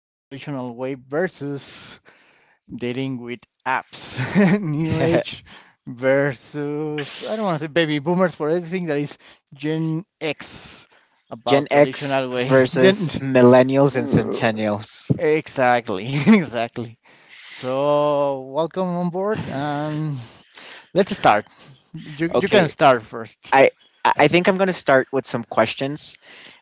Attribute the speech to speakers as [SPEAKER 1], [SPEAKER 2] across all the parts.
[SPEAKER 1] in the traditional way versus dating with apps, new age versus I don't want to say baby boomers for everything that is Gen X
[SPEAKER 2] Gen
[SPEAKER 1] about
[SPEAKER 2] X
[SPEAKER 1] traditional way.
[SPEAKER 2] versus
[SPEAKER 1] Gen
[SPEAKER 2] millennials and centennials.
[SPEAKER 1] Exactly, exactly. So welcome on board. Let's start. You can
[SPEAKER 2] Okay,
[SPEAKER 1] start first.
[SPEAKER 2] I I think I'm gonna start with some questions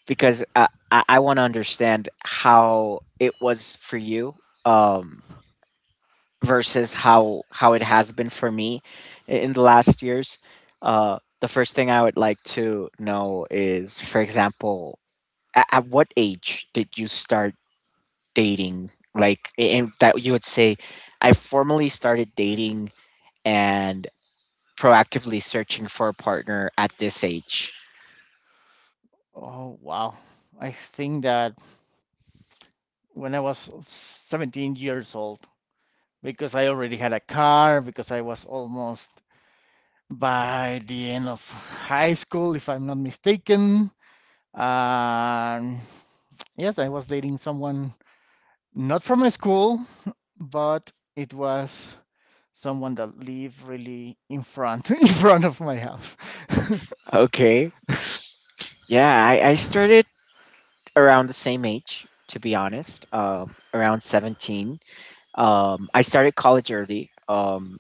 [SPEAKER 2] because I want to understand how it was for you um, versus how it has been for me in the last years. The first thing I would like to know is, for example, at what age did you start dating? Like, and that you would say, I formally started dating and proactively searching for a partner at this age.
[SPEAKER 1] Oh wow. I think that when I was 17 years old, because I already had a car, because I was almost by the end of high school, if I'm not mistaken. Um, yes, I was dating someone not from my school, but it was someone that lived really in front in front of my house.
[SPEAKER 2] Okay. Yeah, I started around the same age, to be honest, around 17. I started college early. Um,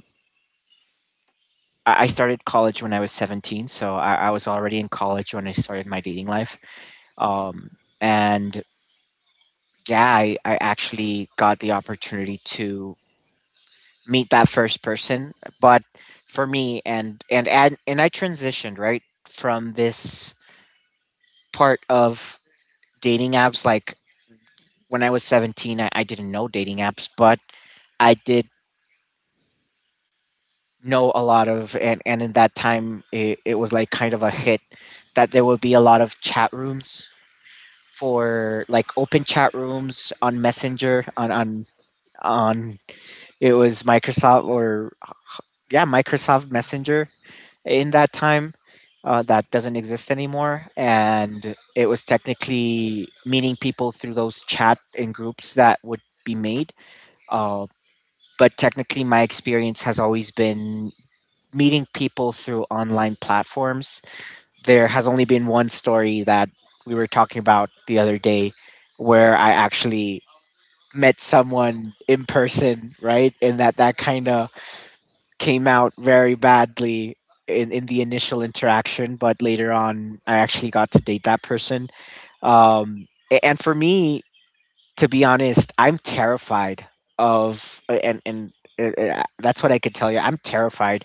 [SPEAKER 2] I I started college when I was 17, so I was already in college when I started my dating life. Um, and yeah, I actually got the opportunity to meet that first person. But for me, and I transitioned right from this part of dating apps. Like when I was 17, I didn't know dating apps, but I did know a lot of, and in that time, it was like kind of a hit that there would be a lot of chat rooms for like open chat rooms on Messenger, on, it was Microsoft or, yeah, Microsoft Messenger in that time, that doesn't exist anymore. And it was technically meeting people through those chat and groups that would be made. Uh, but technically, my experience has always been meeting people through online platforms. There has only been one story that we were talking about the other day where I actually met someone in person, right? And that kind of came out very badly in the initial interaction, but later on, I actually got to date that person. And for me, to be honest, I'm terrified of, and that's what I could tell you. I'm terrified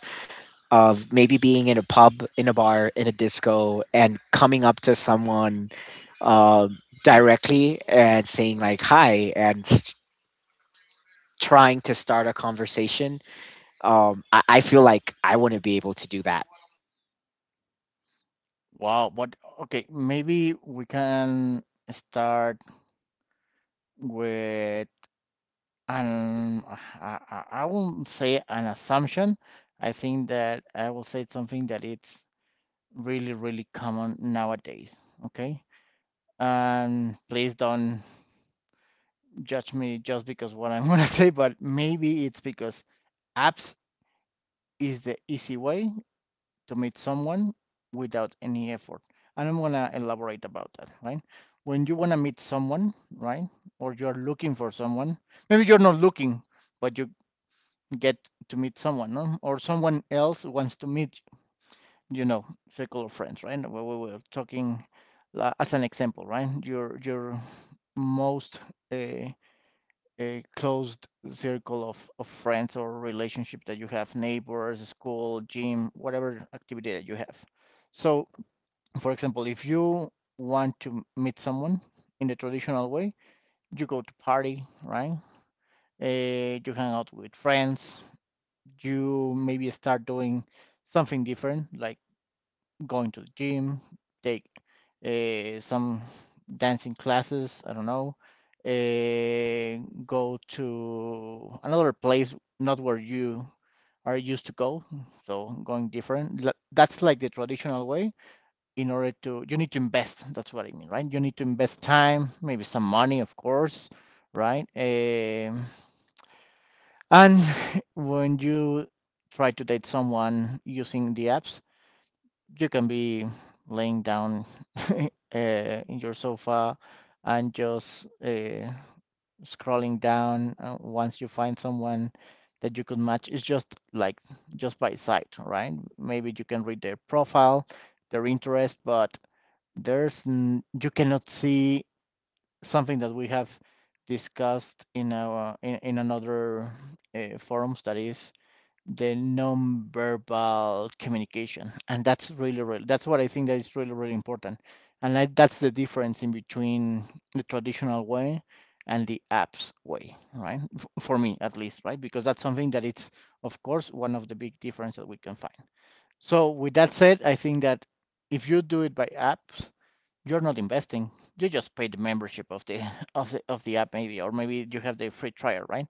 [SPEAKER 2] of maybe being in a pub, in a bar, in a disco, and coming up to someone uh, directly and saying, like, hi, trying to start a conversation. I feel like I wouldn't be able to do that.
[SPEAKER 1] Wow, but okay, maybe we can start with an, I won't say an assumption. I think that I will say something that it's really, really common nowadays. Okay. And please don't judge me just because what I'm gonna say, but maybe it's because apps is the easy way to meet someone without any effort. And I'm gonna elaborate about that, right? When you wanna meet someone, right? Or you're looking for someone, maybe you're not looking, but you get to meet someone, no? Or someone else wants to meet, you know, circle of friends, right? We were talking as an example, right? Your most uh, a closed circle of friends or relationship that you have, neighbors, school, gym, whatever activity that you have. So for example, if you want to meet someone in the traditional way, you go to party, right? You hang out with friends. You maybe start doing something different, like going to the gym, take some dancing classes. I don't know. Go to another place, not where you are used to go. So going different. That's like the traditional way, in order to, you need to invest. That's what I mean, right? You need to invest time, maybe some money, of course, right? And when you try to date someone using the apps, you can be laying down, uh, in your sofa, and just scrolling down. Uh, once you find someone that you could match, it's just like, just by sight, right? Maybe you can read their profile, their interest, but there's you cannot see something that we have discussed in in another forums, that is the non-verbal communication. And that's really really, that's what I think that is really really important. And that's the difference in between the traditional way and the apps way, right? For me at least, right? Because that's something that it's, of course, one of the big differences that we can find. So with that said, I think that if you do it by apps, you're not investing. You just pay the membership of the of the app, maybe, or maybe you have the free trial, right?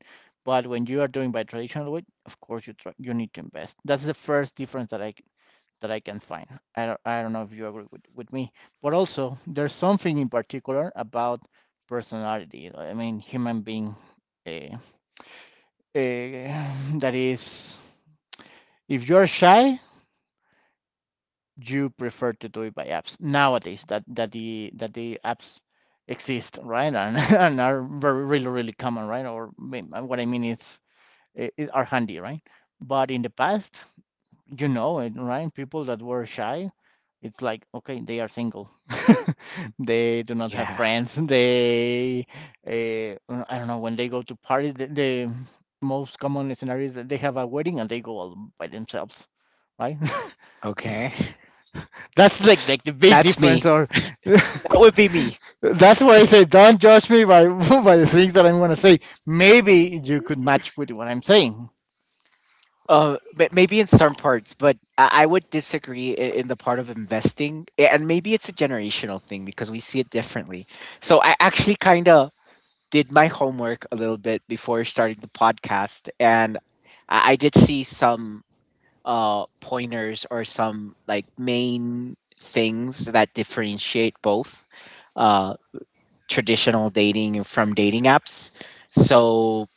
[SPEAKER 1] But when you are doing by traditional way, of course you try, you need to invest. That's the first difference that I can find. I don't know if you agree with me, but also there's something in particular about personality. I mean, human being, uh, uh, that is, if you're shy, you prefer to do it by apps nowadays, that the apps exist, right? And, and are very really really common, right? Or what I mean is are handy, right? But in the past, you know it, right? People that were shy, it's like, okay, they are single, they do not have
[SPEAKER 2] Yeah.
[SPEAKER 1] friends, they I don't know, when they go to parties, the most common scenario is that they have a wedding and they go all by themselves, right?
[SPEAKER 2] Okay.
[SPEAKER 1] That's like the big
[SPEAKER 2] That's me.
[SPEAKER 1] difference. Or
[SPEAKER 2] That would be me.
[SPEAKER 1] that's why I say don't judge me by by the things that I'm gonna say. Maybe you could match with what I'm saying.
[SPEAKER 2] Maybe in some parts, but I would disagree in the part of investing, and maybe it's a generational thing because we see it differently. So I actually kind of did my homework a little bit before starting the podcast, and I did see some pointers or some like main things that differentiate both uh traditional dating and from dating apps. So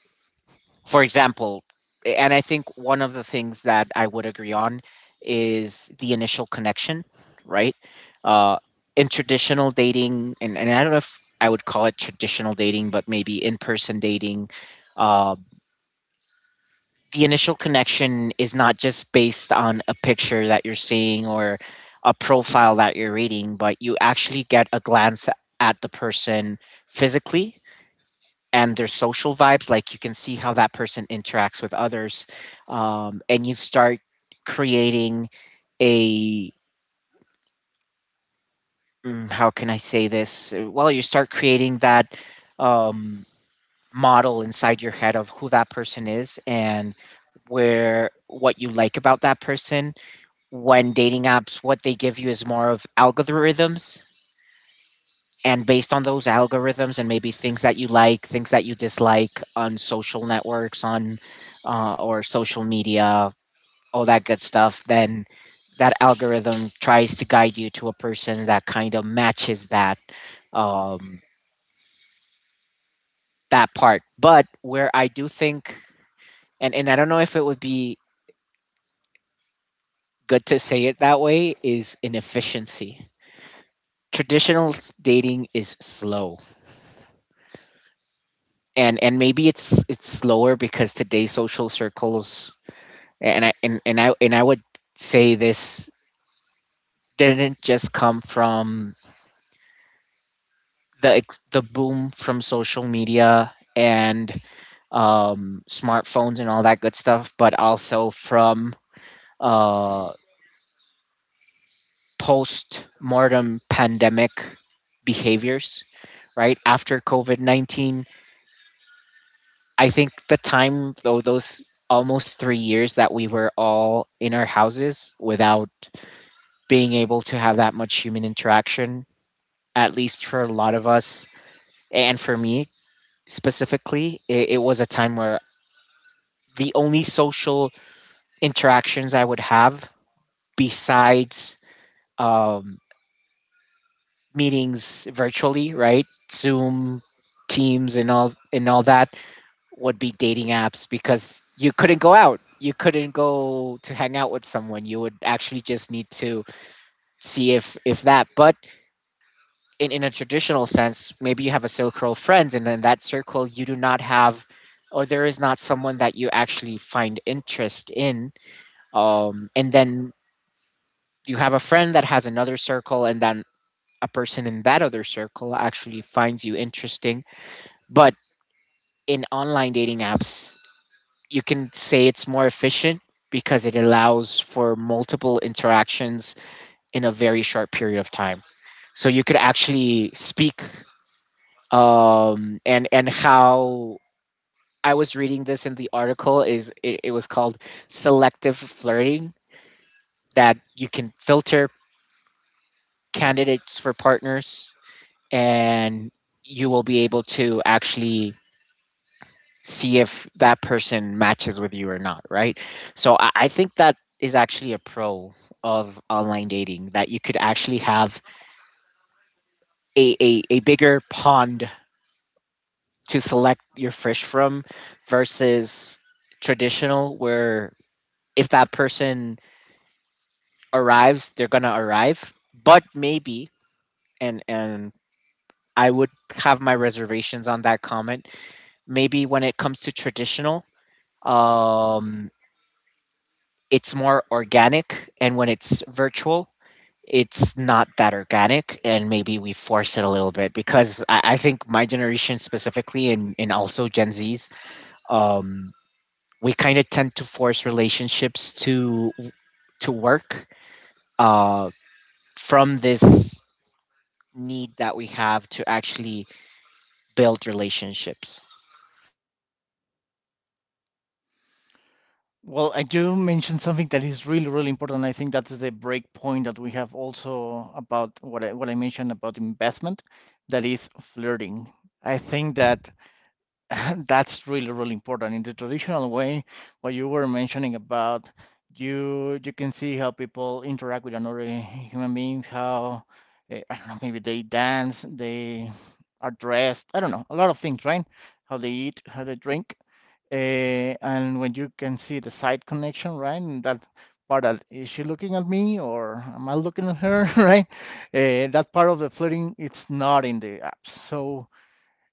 [SPEAKER 2] for example, and I think one of the things that I would agree on is the initial connection, right? Uh, in traditional dating, and I don't know if I would call it traditional dating, but maybe in person dating, uh, the initial connection is not just based on a picture that you're seeing or a profile that you're reading, but you actually get a glance at the person physically and their social vibes, like you can see how that person interacts with others, and you start creating a how can I say this? Well, you start creating that um, model inside your head of who that person is and where what you like about that person. When dating apps, what they give you is more of algorithms, and based on those algorithms and maybe things that you like, things that you dislike on social networks, on or social media, all that good stuff, then that algorithm tries to guide you to a person that kind of matches that um, that part. But where I do think, and I don't know if it would be good to say it that way, is inefficiency. Traditional dating is slow, and maybe it's slower because today's social circles, and I would say this didn't just come from the boom from social media and smartphones and all that good stuff, but also from uh, post mortem pandemic behaviors. Right after COVID 19, I think the time though those almost three years that we were all in our houses without being able to have that much human interaction, at least for a lot of us, and for me specifically, it was a time where the only social interactions I would have besides um, meetings virtually, right, Zoom, teams, and all that, would be dating apps, because you couldn't go out, you couldn't go to hang out with someone, you would actually just need to see if that. But in a traditional sense, maybe you have a circle of friends, and in that circle, you do not have, or there is not someone that you actually find interest in. And then you have a friend that has another circle, and then a person in that other circle actually finds you interesting. But in online dating apps, you can say it's more efficient because it allows for multiple interactions in a very short period of time. So you could actually speak, and how I was reading this in the article is it, it was called selective flirting, that you can filter candidates for partners, and you will be able to actually see if that person matches with you or not, right? So I think that is actually a pro of online dating, that you could actually have a bigger pond to select your fish from, versus traditional where if that person arrives, they're gonna arrive. But maybe, and I would have my reservations on that comment. Maybe when it comes to traditional, um, it's more organic, and when it's virtual, it's not that organic, and maybe we force it a little bit because I think my generation specifically, and also Gen Zs, um, we kind of tend to force relationships to work uh, from this need that we have to actually build relationships.
[SPEAKER 1] Well, I do mention something that is really really important. I think that is a break point that we have also about what what I mentioned about investment, that is flirting. I think that that's really, really important. In the traditional way, what you were mentioning about, you can see how people interact with another human beings, how, I don't know, maybe they dance, they are dressed, I don't know, a lot of things, right? How they eat, how they drink, and when you can see the side connection, right? And that part that is, she looking at me or am I looking at her, right? That part of the flirting, it's not in the apps. So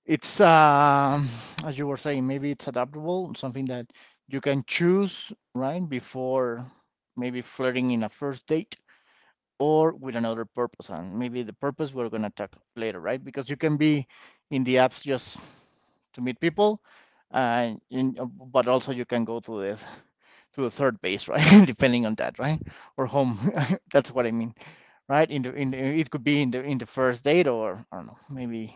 [SPEAKER 1] it's as you were saying, maybe it's adaptable, something that you can choose, right? Before, maybe flirting in a first date or with another purpose, and maybe the purpose we're going to talk later, right? Because you can be in the apps just to meet people, and but also you can go to the, to the third base, right? Depending on that, right? Or home. That's what I mean, right? In the in the, it could be in the first date, or I don't know, maybe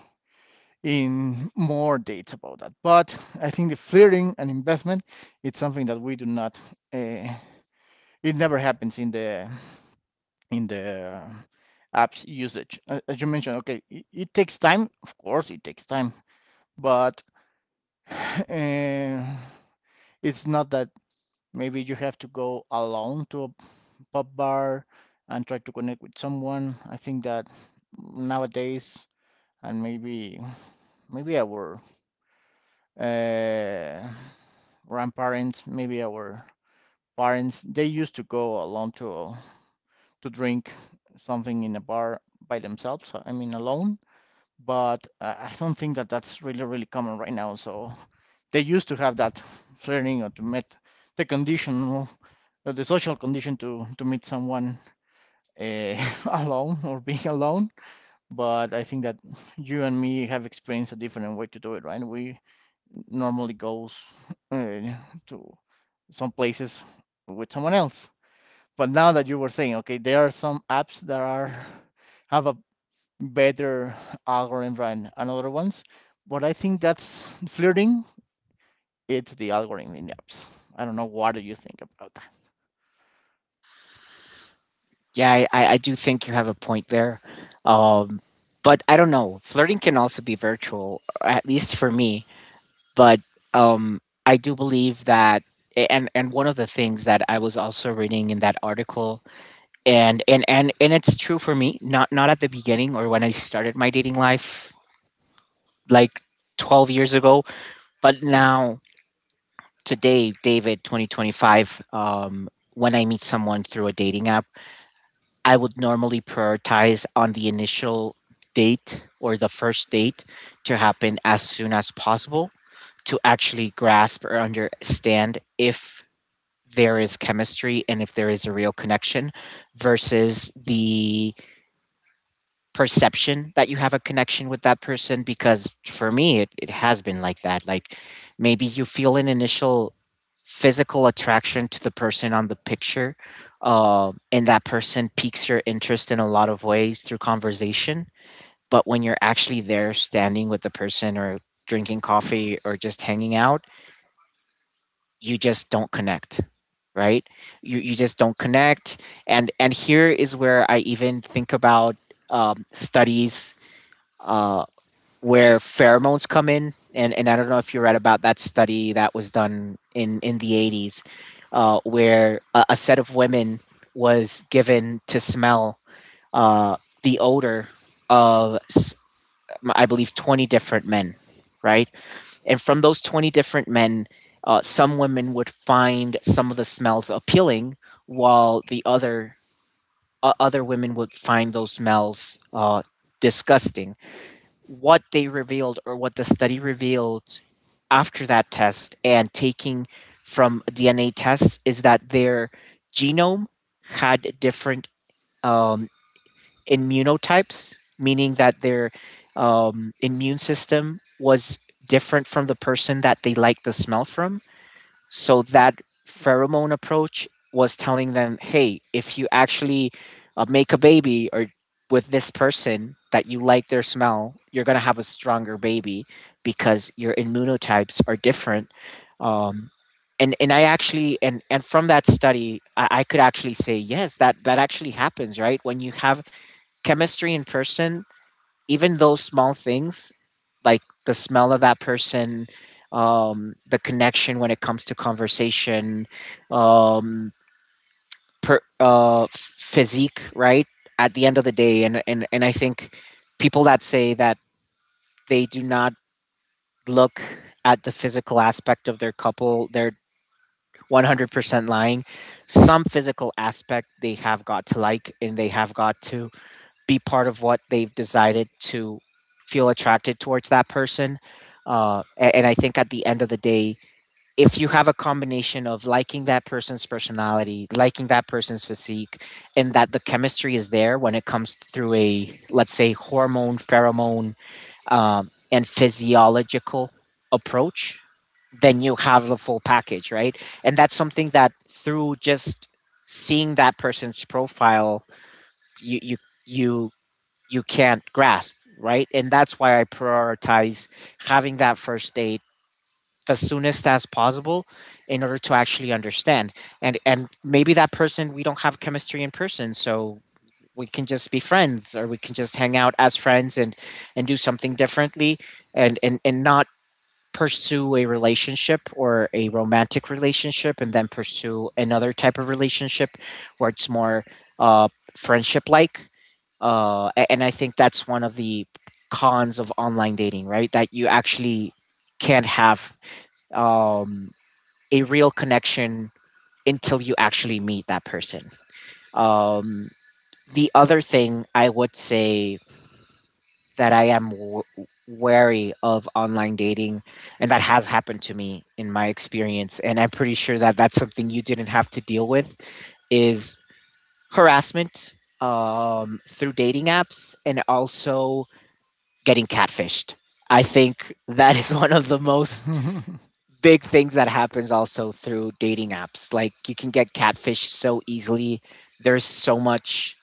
[SPEAKER 1] in more dates about that. But I think the flirting and investment, it's something that we do not. Uh, it never happens in the apps usage. As you mentioned, okay, it takes time. Of course, it takes time, but uh, it's not that maybe you have to go alone to a pub, bar, and try to connect with someone. I think that nowadays, and maybe our uh, grandparents, maybe our parents, they used to go alone to drink something in a bar by themselves. I mean, alone. But I don't think that that's really, really common right now. So they used to have that flirting, or to meet the condition, the social condition to meet someone uh, alone or being alone. But I think that you and me have experienced a different way to do it, right? We normally goes uh, to some places with someone else. But now that you were saying, okay, there are some apps that are have a better algorithm than another ones. But I think that's flirting. It's the algorithm in the apps. I don't know what do you think about
[SPEAKER 2] Yeah, I do think you have a point there. Um, but I don't know. Flirting can also be virtual, at least for me. But um, I do believe that, and one of the things that I was also reading in that article, and it's true for me. Not not at the beginning or when I started my dating life, like 12 years ago, but now today, David, 2025, when I meet someone through a dating app, I would normally prioritize on the initial date or the first date to happen as soon as possible to actually grasp or understand if there is chemistry and if there is a real connection, versus the perception that you have a connection with that person. Because for me it, it has been like that, like maybe you feel an initial physical attraction to the person on the picture, and that person piques your interest in a lot of ways through conversation, but when you're actually there standing with the person or drinking coffee or just hanging out, you just don't connect, right? You just don't connect. And Here is where I even think about studies uh, where pheromones come in, and I don't know if you read about that study that was done in the 80s, where a set of women was given to smell uh, the odor of I believe 20 different men, right? And from those 20 different men, some women would find some of the smells appealing, while the other, other women would find those smells disgusting. What they revealed, or what the study revealed after that test and taking from DNA tests, is that their genome had different um, immunotypes, meaning that their immune system was different from the person that they liked the smell from. So that pheromone approach was telling them, hey, if you actually make a baby or with this person that you like their smell, you're going to have a stronger baby because your immunotypes are different. Um, and I actually, and from that study I could actually say yes, that that actually happens, right? When you have chemistry in person, even those small things like the smell of that person, the connection when it comes to conversation, um physique, right? At the end of the day, and I think people that say that they do not look at the physical aspect of their couple, they're 100% lying. Some physical aspect they have got to like, and they have got to be part of what they've decided to feel attracted towards that person. And I think at the end of the day, if you have a combination of liking that person's personality, liking that person's physique, and that the chemistry is there when it comes through a, let's say, hormone, pheromone, and physiological approach, then you have the full package, right? And that's something that through just seeing that person's profile, you, you, you you can't grasp, right? And that's why I prioritize having that first date the soonest as possible in order to actually understand. And maybe that person we don't have chemistry in person, so we can just be friends or we can just hang out as friends and do something differently and not pursue a relationship or a romantic relationship and then pursue another type of relationship where it's more uh, friendship like. And I think that's one of the cons of online dating, right? That you actually can't have um, a real connection until you actually meet that person. Um, the other thing I would say that wary of online dating, and that has happened to me in my experience, and I'm pretty sure that that's something you didn't have to deal with, is harassment through dating apps and also getting catfished. I think that is one of the most
[SPEAKER 1] that.
[SPEAKER 2] big things that happens also through dating apps. Like you can get catfished so easily. There's so much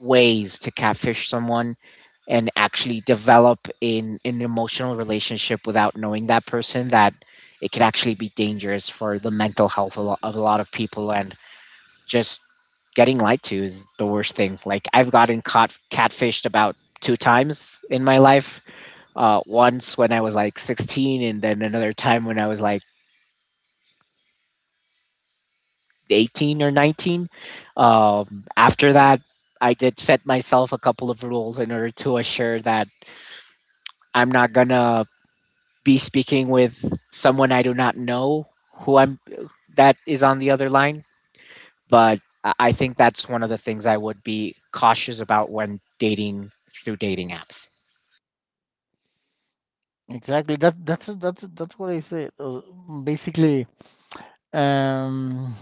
[SPEAKER 2] ways to catfish someone and actually develop in an emotional relationship without knowing that person that it could actually be dangerous for the mental health of a lot of people, and just getting lied to is the worst thing. Like, I've gotten caught catfished about two times in my life. Once when I was like 16, and then another time when I was like 18 or 19. After that, I did set myself a couple of rules in order to assure that I'm not gonna be speaking with someone I do not know, who I'm, that is on the other line. But I think that's one of the things I would be cautious about when dating through dating apps.
[SPEAKER 1] Exactly. That's that's what I say. Basically, um,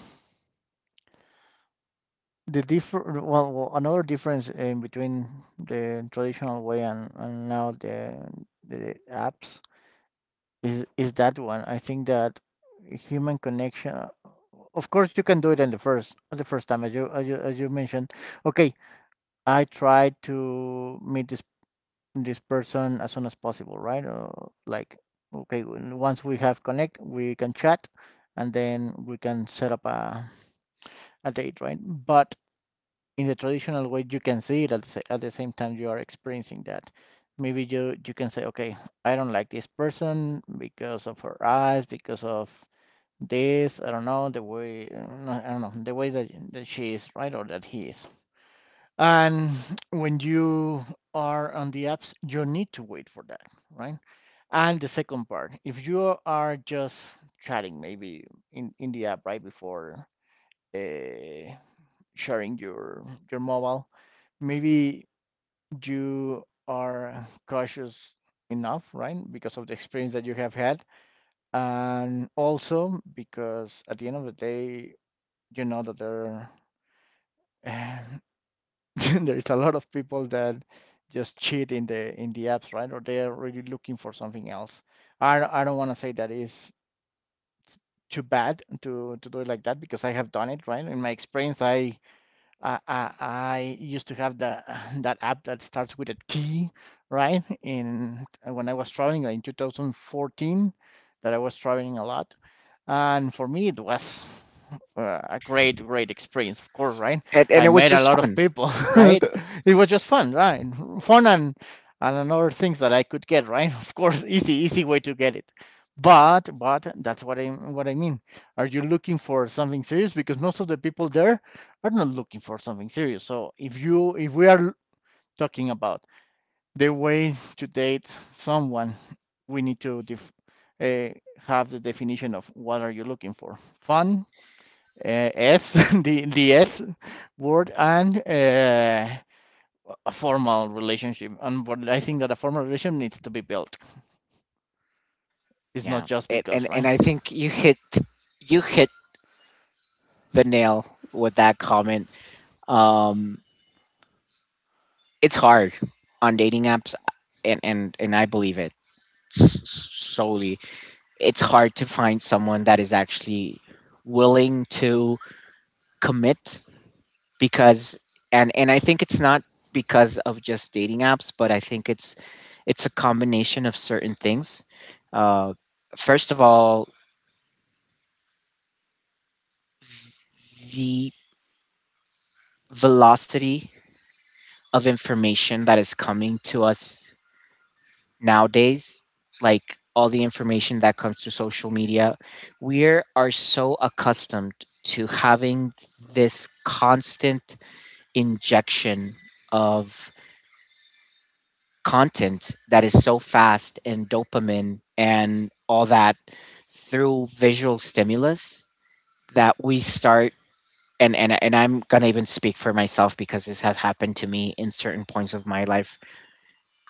[SPEAKER 1] the different, well, well, another difference in between the traditional way and now the apps is that one. I think that human connection. Of course, you can do it in the first, on the first time, as as you mentioned. Okay, I tried to meet this person as soon as possible, right? Or like, okay, when- once we have connect, we can chat, and then we can set up a date, right? But in the traditional way, you can see it at at the same time you are experiencing that. Maybe you can say, okay, I don't like this person because of her eyes, because of this, I don't know the way, I don't know the way that, that she is, right, or that he is. And when you are on the apps, you need to wait for that, right? And the second part, if you are just chatting, maybe in the app, right? Before uh, sharing your mobile, maybe you are cautious enough, right? Because of the experience that you have had, and also because at the end of the day, you know that there there is a lot of people that just cheat in the apps, right? Or they're really looking for something else. I don't want to say that is too bad to do it like that, because I have done it, right? In my experience, I used to have the that app that starts with a T, right? In when I was traveling like, in 2014, that I was traveling a lot, and for me it was a great, great experience. Of course, right?
[SPEAKER 2] And
[SPEAKER 1] I
[SPEAKER 2] it was
[SPEAKER 1] met a
[SPEAKER 2] just
[SPEAKER 1] lot of
[SPEAKER 2] fun,
[SPEAKER 1] people.
[SPEAKER 2] right?
[SPEAKER 1] It was just fun, right? Fun and another things that I could get, right? Of course, easy, easy way to get it. But that's what I mean. Are you looking for something serious? Because most of the people there, we're not looking for something serious. So if you, if we are talking about the way to date someone, we need to uh, have the definition of what are you looking for? Fun, S, the S word, and a formal relationship. And but I think that a formal relationship needs to be built. It's not
[SPEAKER 2] Yeah.
[SPEAKER 1] just
[SPEAKER 2] It,
[SPEAKER 1] because,
[SPEAKER 2] and
[SPEAKER 1] right?
[SPEAKER 2] and I think you hit the nail with that comment. Um, it's hard on dating apps, and and I believe it solely. It's hard to find someone that is actually willing to commit, because and I think it's not because of just dating apps, but I think it's a combination of certain things. Uh, First of all, the velocity of information that is coming to us nowadays, like all the information that comes to social media, we are so accustomed to having this constant injection of content that is so fast and dopamine and all that through visual stimulus, that we start and, and I'm gonna even speak for myself because this has happened to me in certain points of my life.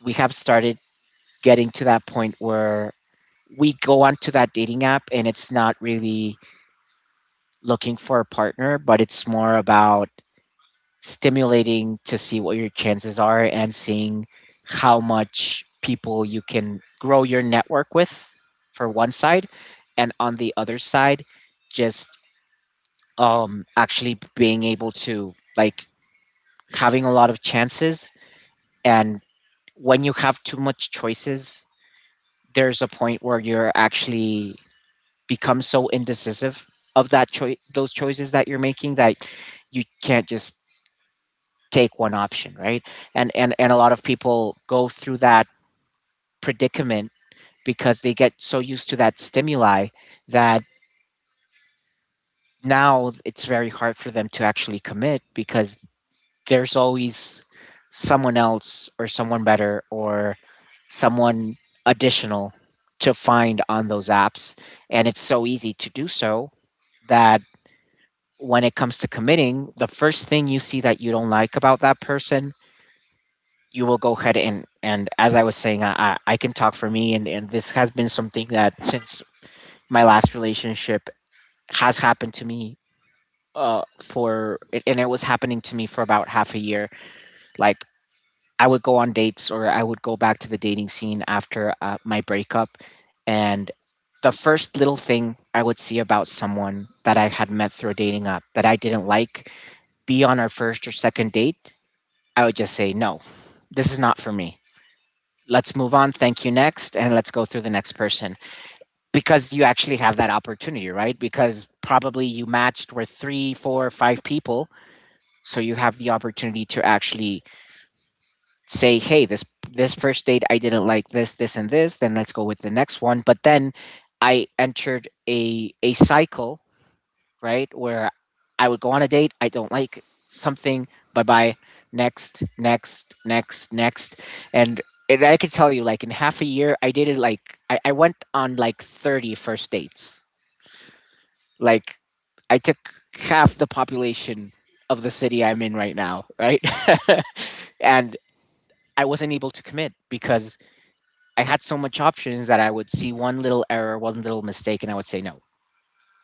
[SPEAKER 2] We have started getting to that point where we go onto that dating app and it's not really looking for a partner, but it's more about stimulating to see what your chances are, and seeing how much people you can grow your network with for one side, and on the other side just actually being able to like having a lot of chances. And when you have too much choices, there's a point where you're actually become so indecisive of that choice, those choices that you're making, that you can't just take one option, right? And a lot of people go through that predicament because they get so used to that stimuli, that now it's very hard for them to actually commit, because there's always someone else or someone better or someone additional to find on those apps, and it's so easy to do so, that when it comes to committing, the first thing you see that you don't like about that person, you will go ahead and as I was saying, I can talk for me, and this has been something that since my last relationship has happened to me for, and it was happening to me for about half a year. Like, I would go on dates, or I would go back to the dating scene after my breakup, and the first little thing I would see about someone that I had met through a dating app that I didn't like, be on our first or second date, I would just say, no, this is not for me. Let's move on. Thank you. Next. And let's go through the next person, because you actually have that opportunity, right? Because probably you matched with three, four, five people. So you have the opportunity to actually say, hey, this first date I didn't like this, and this, then let's go with the next one. But then I entered a cycle, right? Where I would go on a date, I don't like something, bye bye, next, next, next, next. And, and I could tell you, like, in half a year, I dated like, I went on like 30 first dates. Like, I took half the population of the city I'm in right now, right? And I wasn't able to commit because I had so much options that I would see one little error, one little mistake, and I would say, no,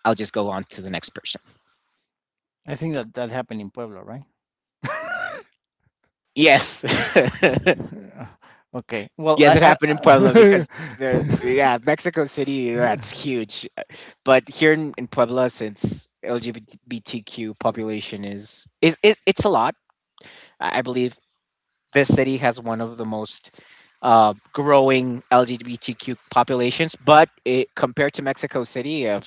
[SPEAKER 2] I'll just go on to the next person.
[SPEAKER 1] I think that that happened in Puebla, right?
[SPEAKER 2] Yes.
[SPEAKER 1] Okay. Well,
[SPEAKER 2] Yes, it
[SPEAKER 1] I
[SPEAKER 2] happened in Puebla
[SPEAKER 1] I
[SPEAKER 2] because there, yeah, Mexico City, that's huge. But here in Puebla, since LGBTQ population is it's a lot. I believe this city has one of the most growing LGBTQ populations, but it, compared to Mexico City,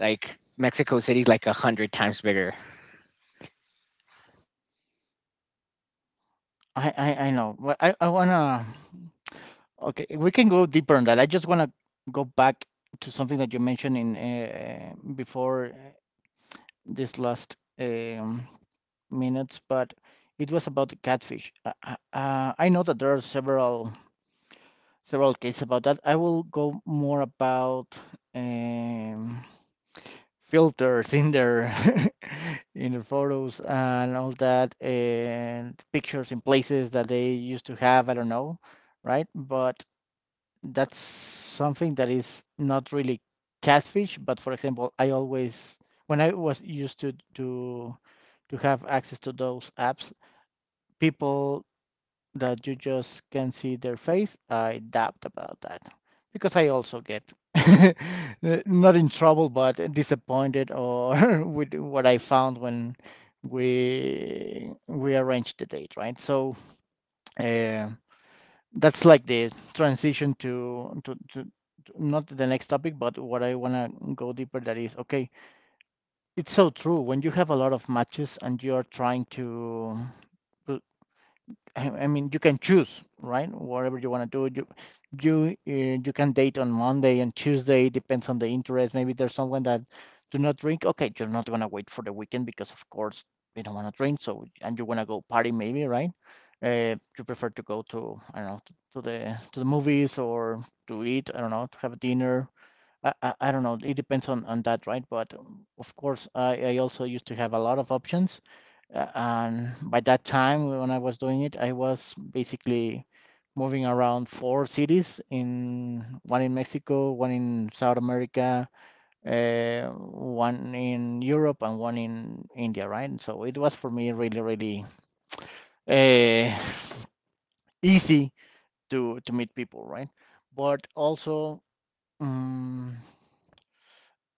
[SPEAKER 2] like Mexico City is like a hundred times bigger.
[SPEAKER 1] I know. Well, I wanna. Okay, we can go deeper on that. I just wanna go back to something that you mentioned in before this last minutes, but it was about the catfish. I know that there are several cases about that. I will go more about. Um, filters in their in their photos and all that and pictures in places that they used to have, I don't know, right? But that's something that is not really catfish, but for example, I always, when I was used to have access to those apps, people that you just can see their face, I doubt about that because I also get not in trouble but disappointed, or with what I found when we arranged the date, right? So uh, that's like the transition not the next topic, but what I want to go deeper, that is okay. It's so true when you have a lot of matches and you are trying to, I mean, you can choose, right? Whatever you want to do, you you can date on Monday and Tuesday, depends on the interest. Maybe there's someone that do not drink. Okay, you're not gonna wait for the weekend because of course you don't want to drink. So and you want to go party maybe, right? You prefer to go to, I don't know, to the movies or to eat. I don't know, to have a dinner. I don't know. It depends on that, right? But of course, I also used to have a lot of options, and by that time, when I was doing it, I was basically moving around four cities, in one in Mexico, one in South America, one in Europe, and one in India, right? And so it was for me really, really uh, easy to meet people, right? But also, um,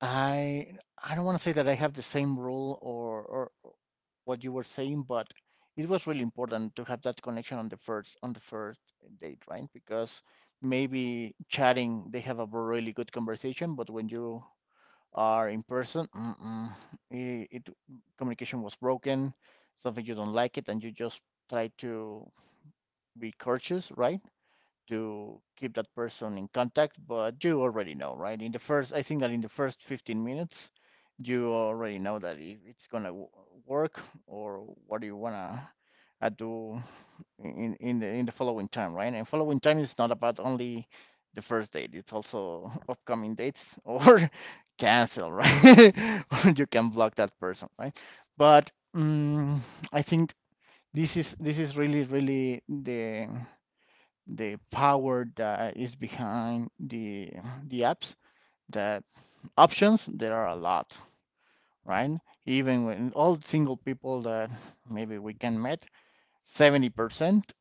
[SPEAKER 1] I I don't want to say that I have the same rule, or what you were saying, but it was really important to have that connection on the first date, right? Because maybe chatting they have a really good conversation, but when you are in person, mm-mm, it communication was broken, something you don't like it, and you just try to be courteous, right? To keep that person in contact, but you already know, right? In the first, I think that in the first 15 minutes, you already know that if it's gonna work, or what do you wanna do in the following time, right? And following time is not about only the first date; it's also upcoming dates or cancel, right? Or you can block that person, right? But mm I think this is really, really the power that is behind the apps, that options, there are a lot, right? Even when all single people that maybe we can meet, 70%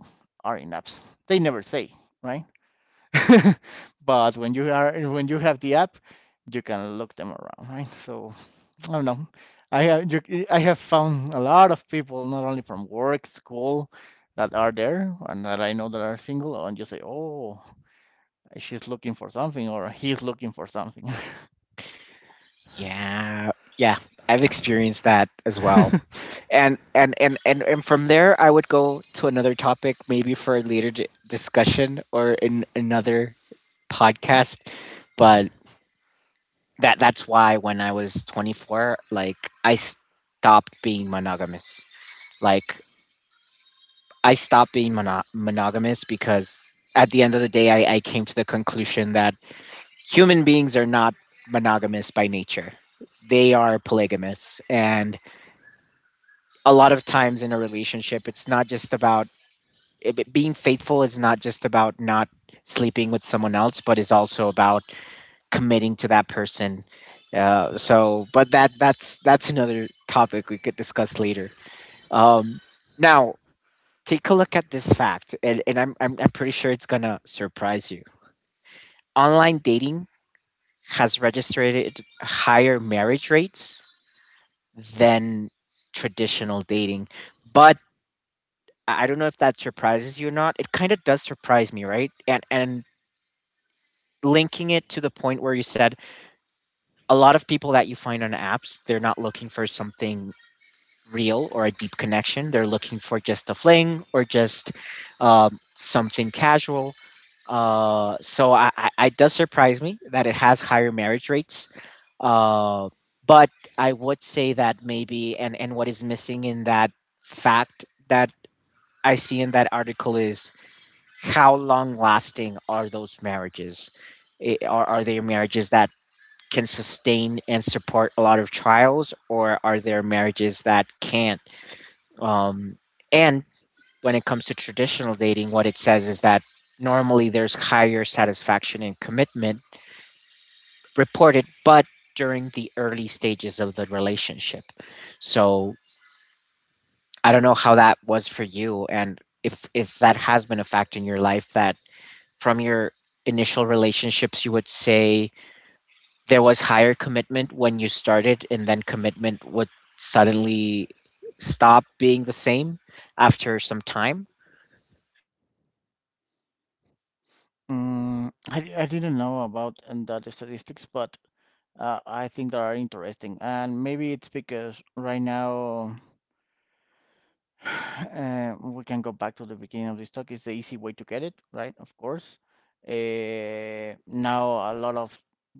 [SPEAKER 1] are in apps, they never say, right? But when you are, when you have the app, you can look them around, right? So I don't know, I have found a lot of people, not only from work, school, that are there and that I know that are single, and you say, oh, she's looking for something or he's looking for something.
[SPEAKER 2] Yeah. Yeah, I've experienced that as well. And from there I would go to another topic maybe for a later discussion or in another podcast, but that that's why when I was 24, like I stopped being monogamous. Like I stopped being monogamous because at the end of the day I came to the conclusion that human beings are not monogamous by nature. They are polygamous, and a lot of times in a relationship, it's not just about being faithful is not just about not sleeping with someone else, but is also about committing to that person. So, but that that's another topic we could discuss later. Um, Now, take a look at this fact, and I'm pretty sure it's gonna surprise you. Online dating has registered higher marriage rates than traditional dating, but I don't know if that surprises you or not. It kind of does surprise me, right? And linking it to the point where you said a lot of people that you find on apps, they're not looking for something real or a deep connection. They're looking for just a fling or just something casual. So it does surprise me that it has higher marriage rates. Uh, but I would say that maybe, and what is missing in that fact that I see in that article is, how long lasting are those marriages? Are there marriages that can sustain and support a lot of trials, or are there marriages that can't? Um, and when it comes to traditional dating, what it says is that normally there's higher satisfaction and commitment reported, but during the early stages of the relationship. So I don't know how that was for you, and if that has been a fact in your life, that from your initial relationships, you would say there was higher commitment when you started, and then commitment would suddenly stop being the same after some time?
[SPEAKER 1] Mm, I didn't know about that statistics, but I think they are interesting. And maybe it's because right now, uh, we can go back to the beginning of this talk. It's the easy way to get it, right? Of course. Now, a lot of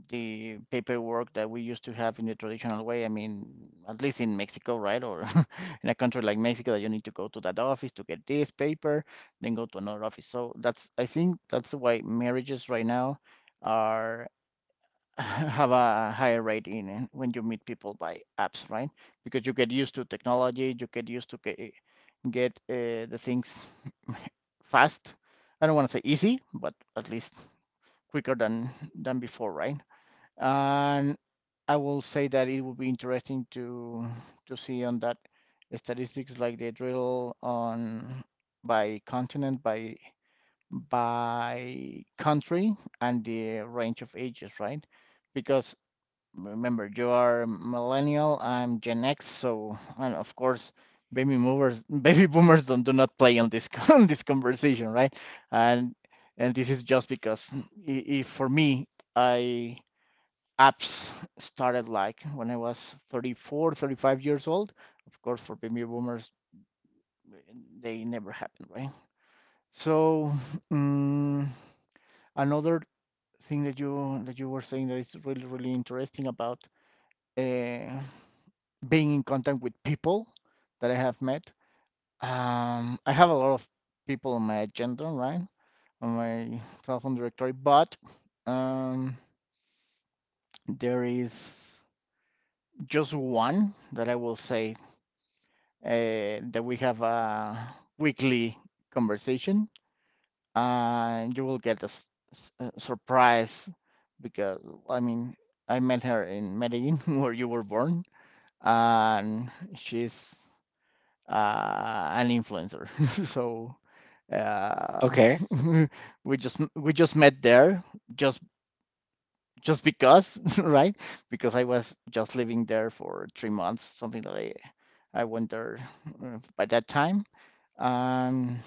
[SPEAKER 1] the paperwork that we used to have in the traditional way, I mean, at least in Mexico, right? Or in a country like Mexico, that you need to go to that office to get this paper, then go to another office. So that's, I think that's why marriages right now are have a higher rate in when you meet people by apps, right? Because you get used to technology, you get used to get the things fast. I don't want to say easy, but at least quicker than before, right? And I will say that it would be interesting to see on that statistics, like the drill on by continent, by country, and the range of ages, right? Because remember, you are millennial. I'm Gen X, so, and of course, baby movers, baby boomers don't, do not play on this on this conversation, right? And and this is just because if for me, I apps started like when I was 34, 35 years old. Of course, for baby boomers, they never happened, right? So, mm, another thing that you were saying that is really, really interesting about, uh, being in contact with people that I have met. I have a lot of people on my agenda, right? On my telephone directory, but um, there is just one that I will say, uh, that we have a weekly conversation, and you will get a, a surprise because, I mean, I met her in Medellin where you were born, and she's an influencer. So uh,
[SPEAKER 2] Okay.
[SPEAKER 1] we just met there, just just because, right? Because I was just living there for 3 months, something that I went there by that time. Um,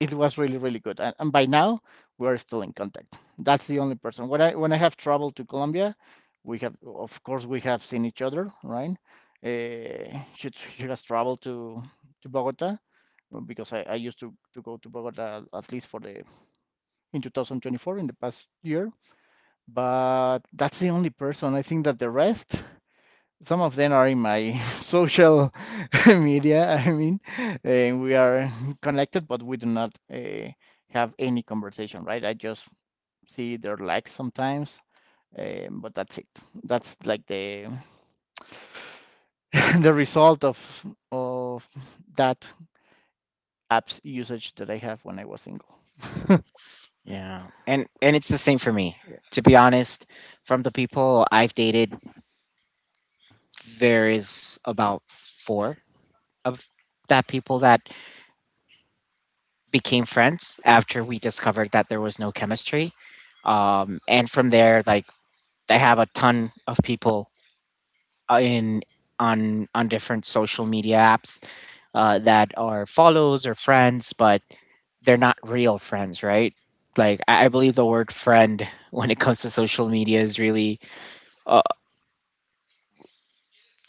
[SPEAKER 1] it was really, really good, and by now we are still in contact. That's the only person. When I have traveled to Colombia, we have, of course, we have seen each other, right? Uh, she, she has traveled to Bogota because I used to go to Bogota, at least for the, in 2024, in the past year. But that's the only person. I think that the rest, some of them are in my social media. I mean, and we are connected, but we do not have any conversation, right? I just see their likes sometimes, but that's it. That's like the the result of of that app's usage that I have when I was single.
[SPEAKER 2] Yeah. And it's the same for me. To be honest, from the people I've dated, there is about four of that people that became friends after we discovered that there was no chemistry. And from there, like I have a ton of people in on different social media apps that are follows or friends, but they're not real friends, right? Like I believe the word friend when it comes to social media is really uh,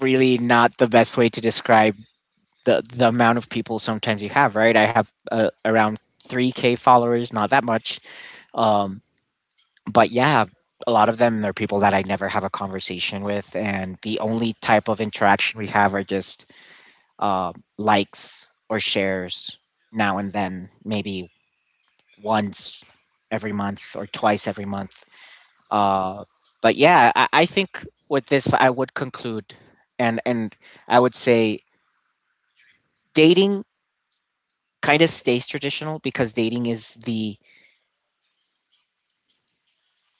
[SPEAKER 2] really not the best way to describe the amount of people sometimes you have, right? I have around 3k followers, not that much. Um, but yeah, a lot of them are people that I never have a conversation with, and the only type of interaction we have are just uh, likes or shares now and then, maybe once every month or twice every month. Uh, but yeah, I think with this, I would conclude, and I would say dating kind of stays traditional, because dating is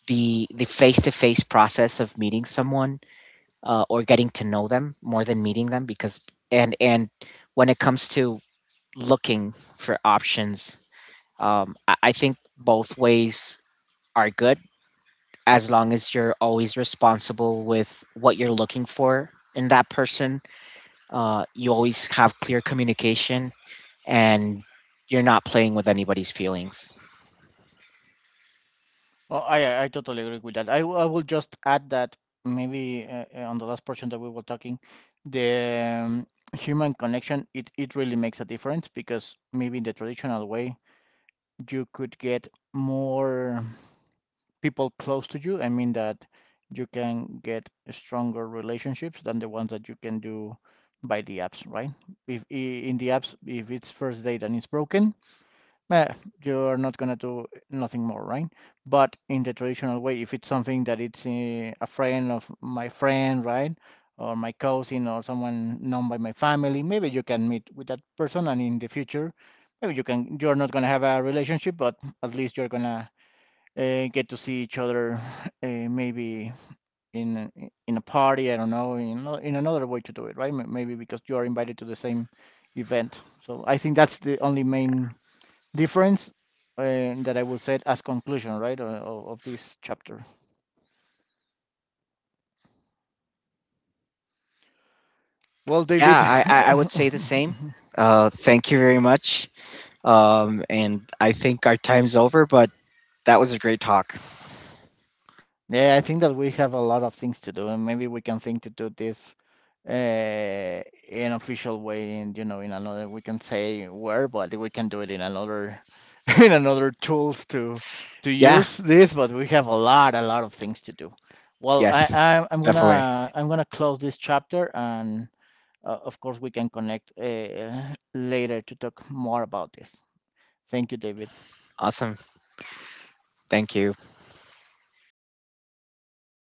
[SPEAKER 2] the face to face process of meeting someone or getting to know them more than meeting them. Because and when it comes to looking for options, I think both ways are good, as long as you're always responsible with what you're looking for in that person. You always have clear communication, and you're not playing with anybody's feelings.
[SPEAKER 1] Oh, I totally agree with that. I will just add that maybe on the last portion that we were talking, the human connection, it really makes a difference because maybe in the traditional way, you could get more people close to you. I mean that you can get stronger relationships than the ones that you can do by the apps, right? If in the apps, if it's first date and it's broken, eh, you're not gonna do nothing more, right? But in the traditional way, if it's something that it's eh, a friend of my friend, right, or my cousin or someone known by my family, maybe you can meet with that person, and in the future, maybe you can. You're not gonna have a relationship, but at least you're gonna get to see each other, maybe in in a party. I don't know, in another way to do it, right? May- Maybe because you are invited to the same event. So I think that's the only main difference, and that I would say as conclusion, right, of this chapter. Well,
[SPEAKER 2] Yeah,
[SPEAKER 1] David,
[SPEAKER 2] I would say the same. Thank you very much. And I think our time's over, but that was a great talk.
[SPEAKER 1] yeah, I think that we have a lot of things to do, and maybe we can think to do this in an official way, and you know, in another we can say where, but we can do it in another in another tools to
[SPEAKER 2] Yeah,
[SPEAKER 1] use this. But we have a lot of things to do. Well, I,
[SPEAKER 2] yes,
[SPEAKER 1] I I'm
[SPEAKER 2] definitely.
[SPEAKER 1] gonna close this chapter and uh, of course, we can connect later to talk more about this. Thank you, David.
[SPEAKER 2] Awesome. Thank you.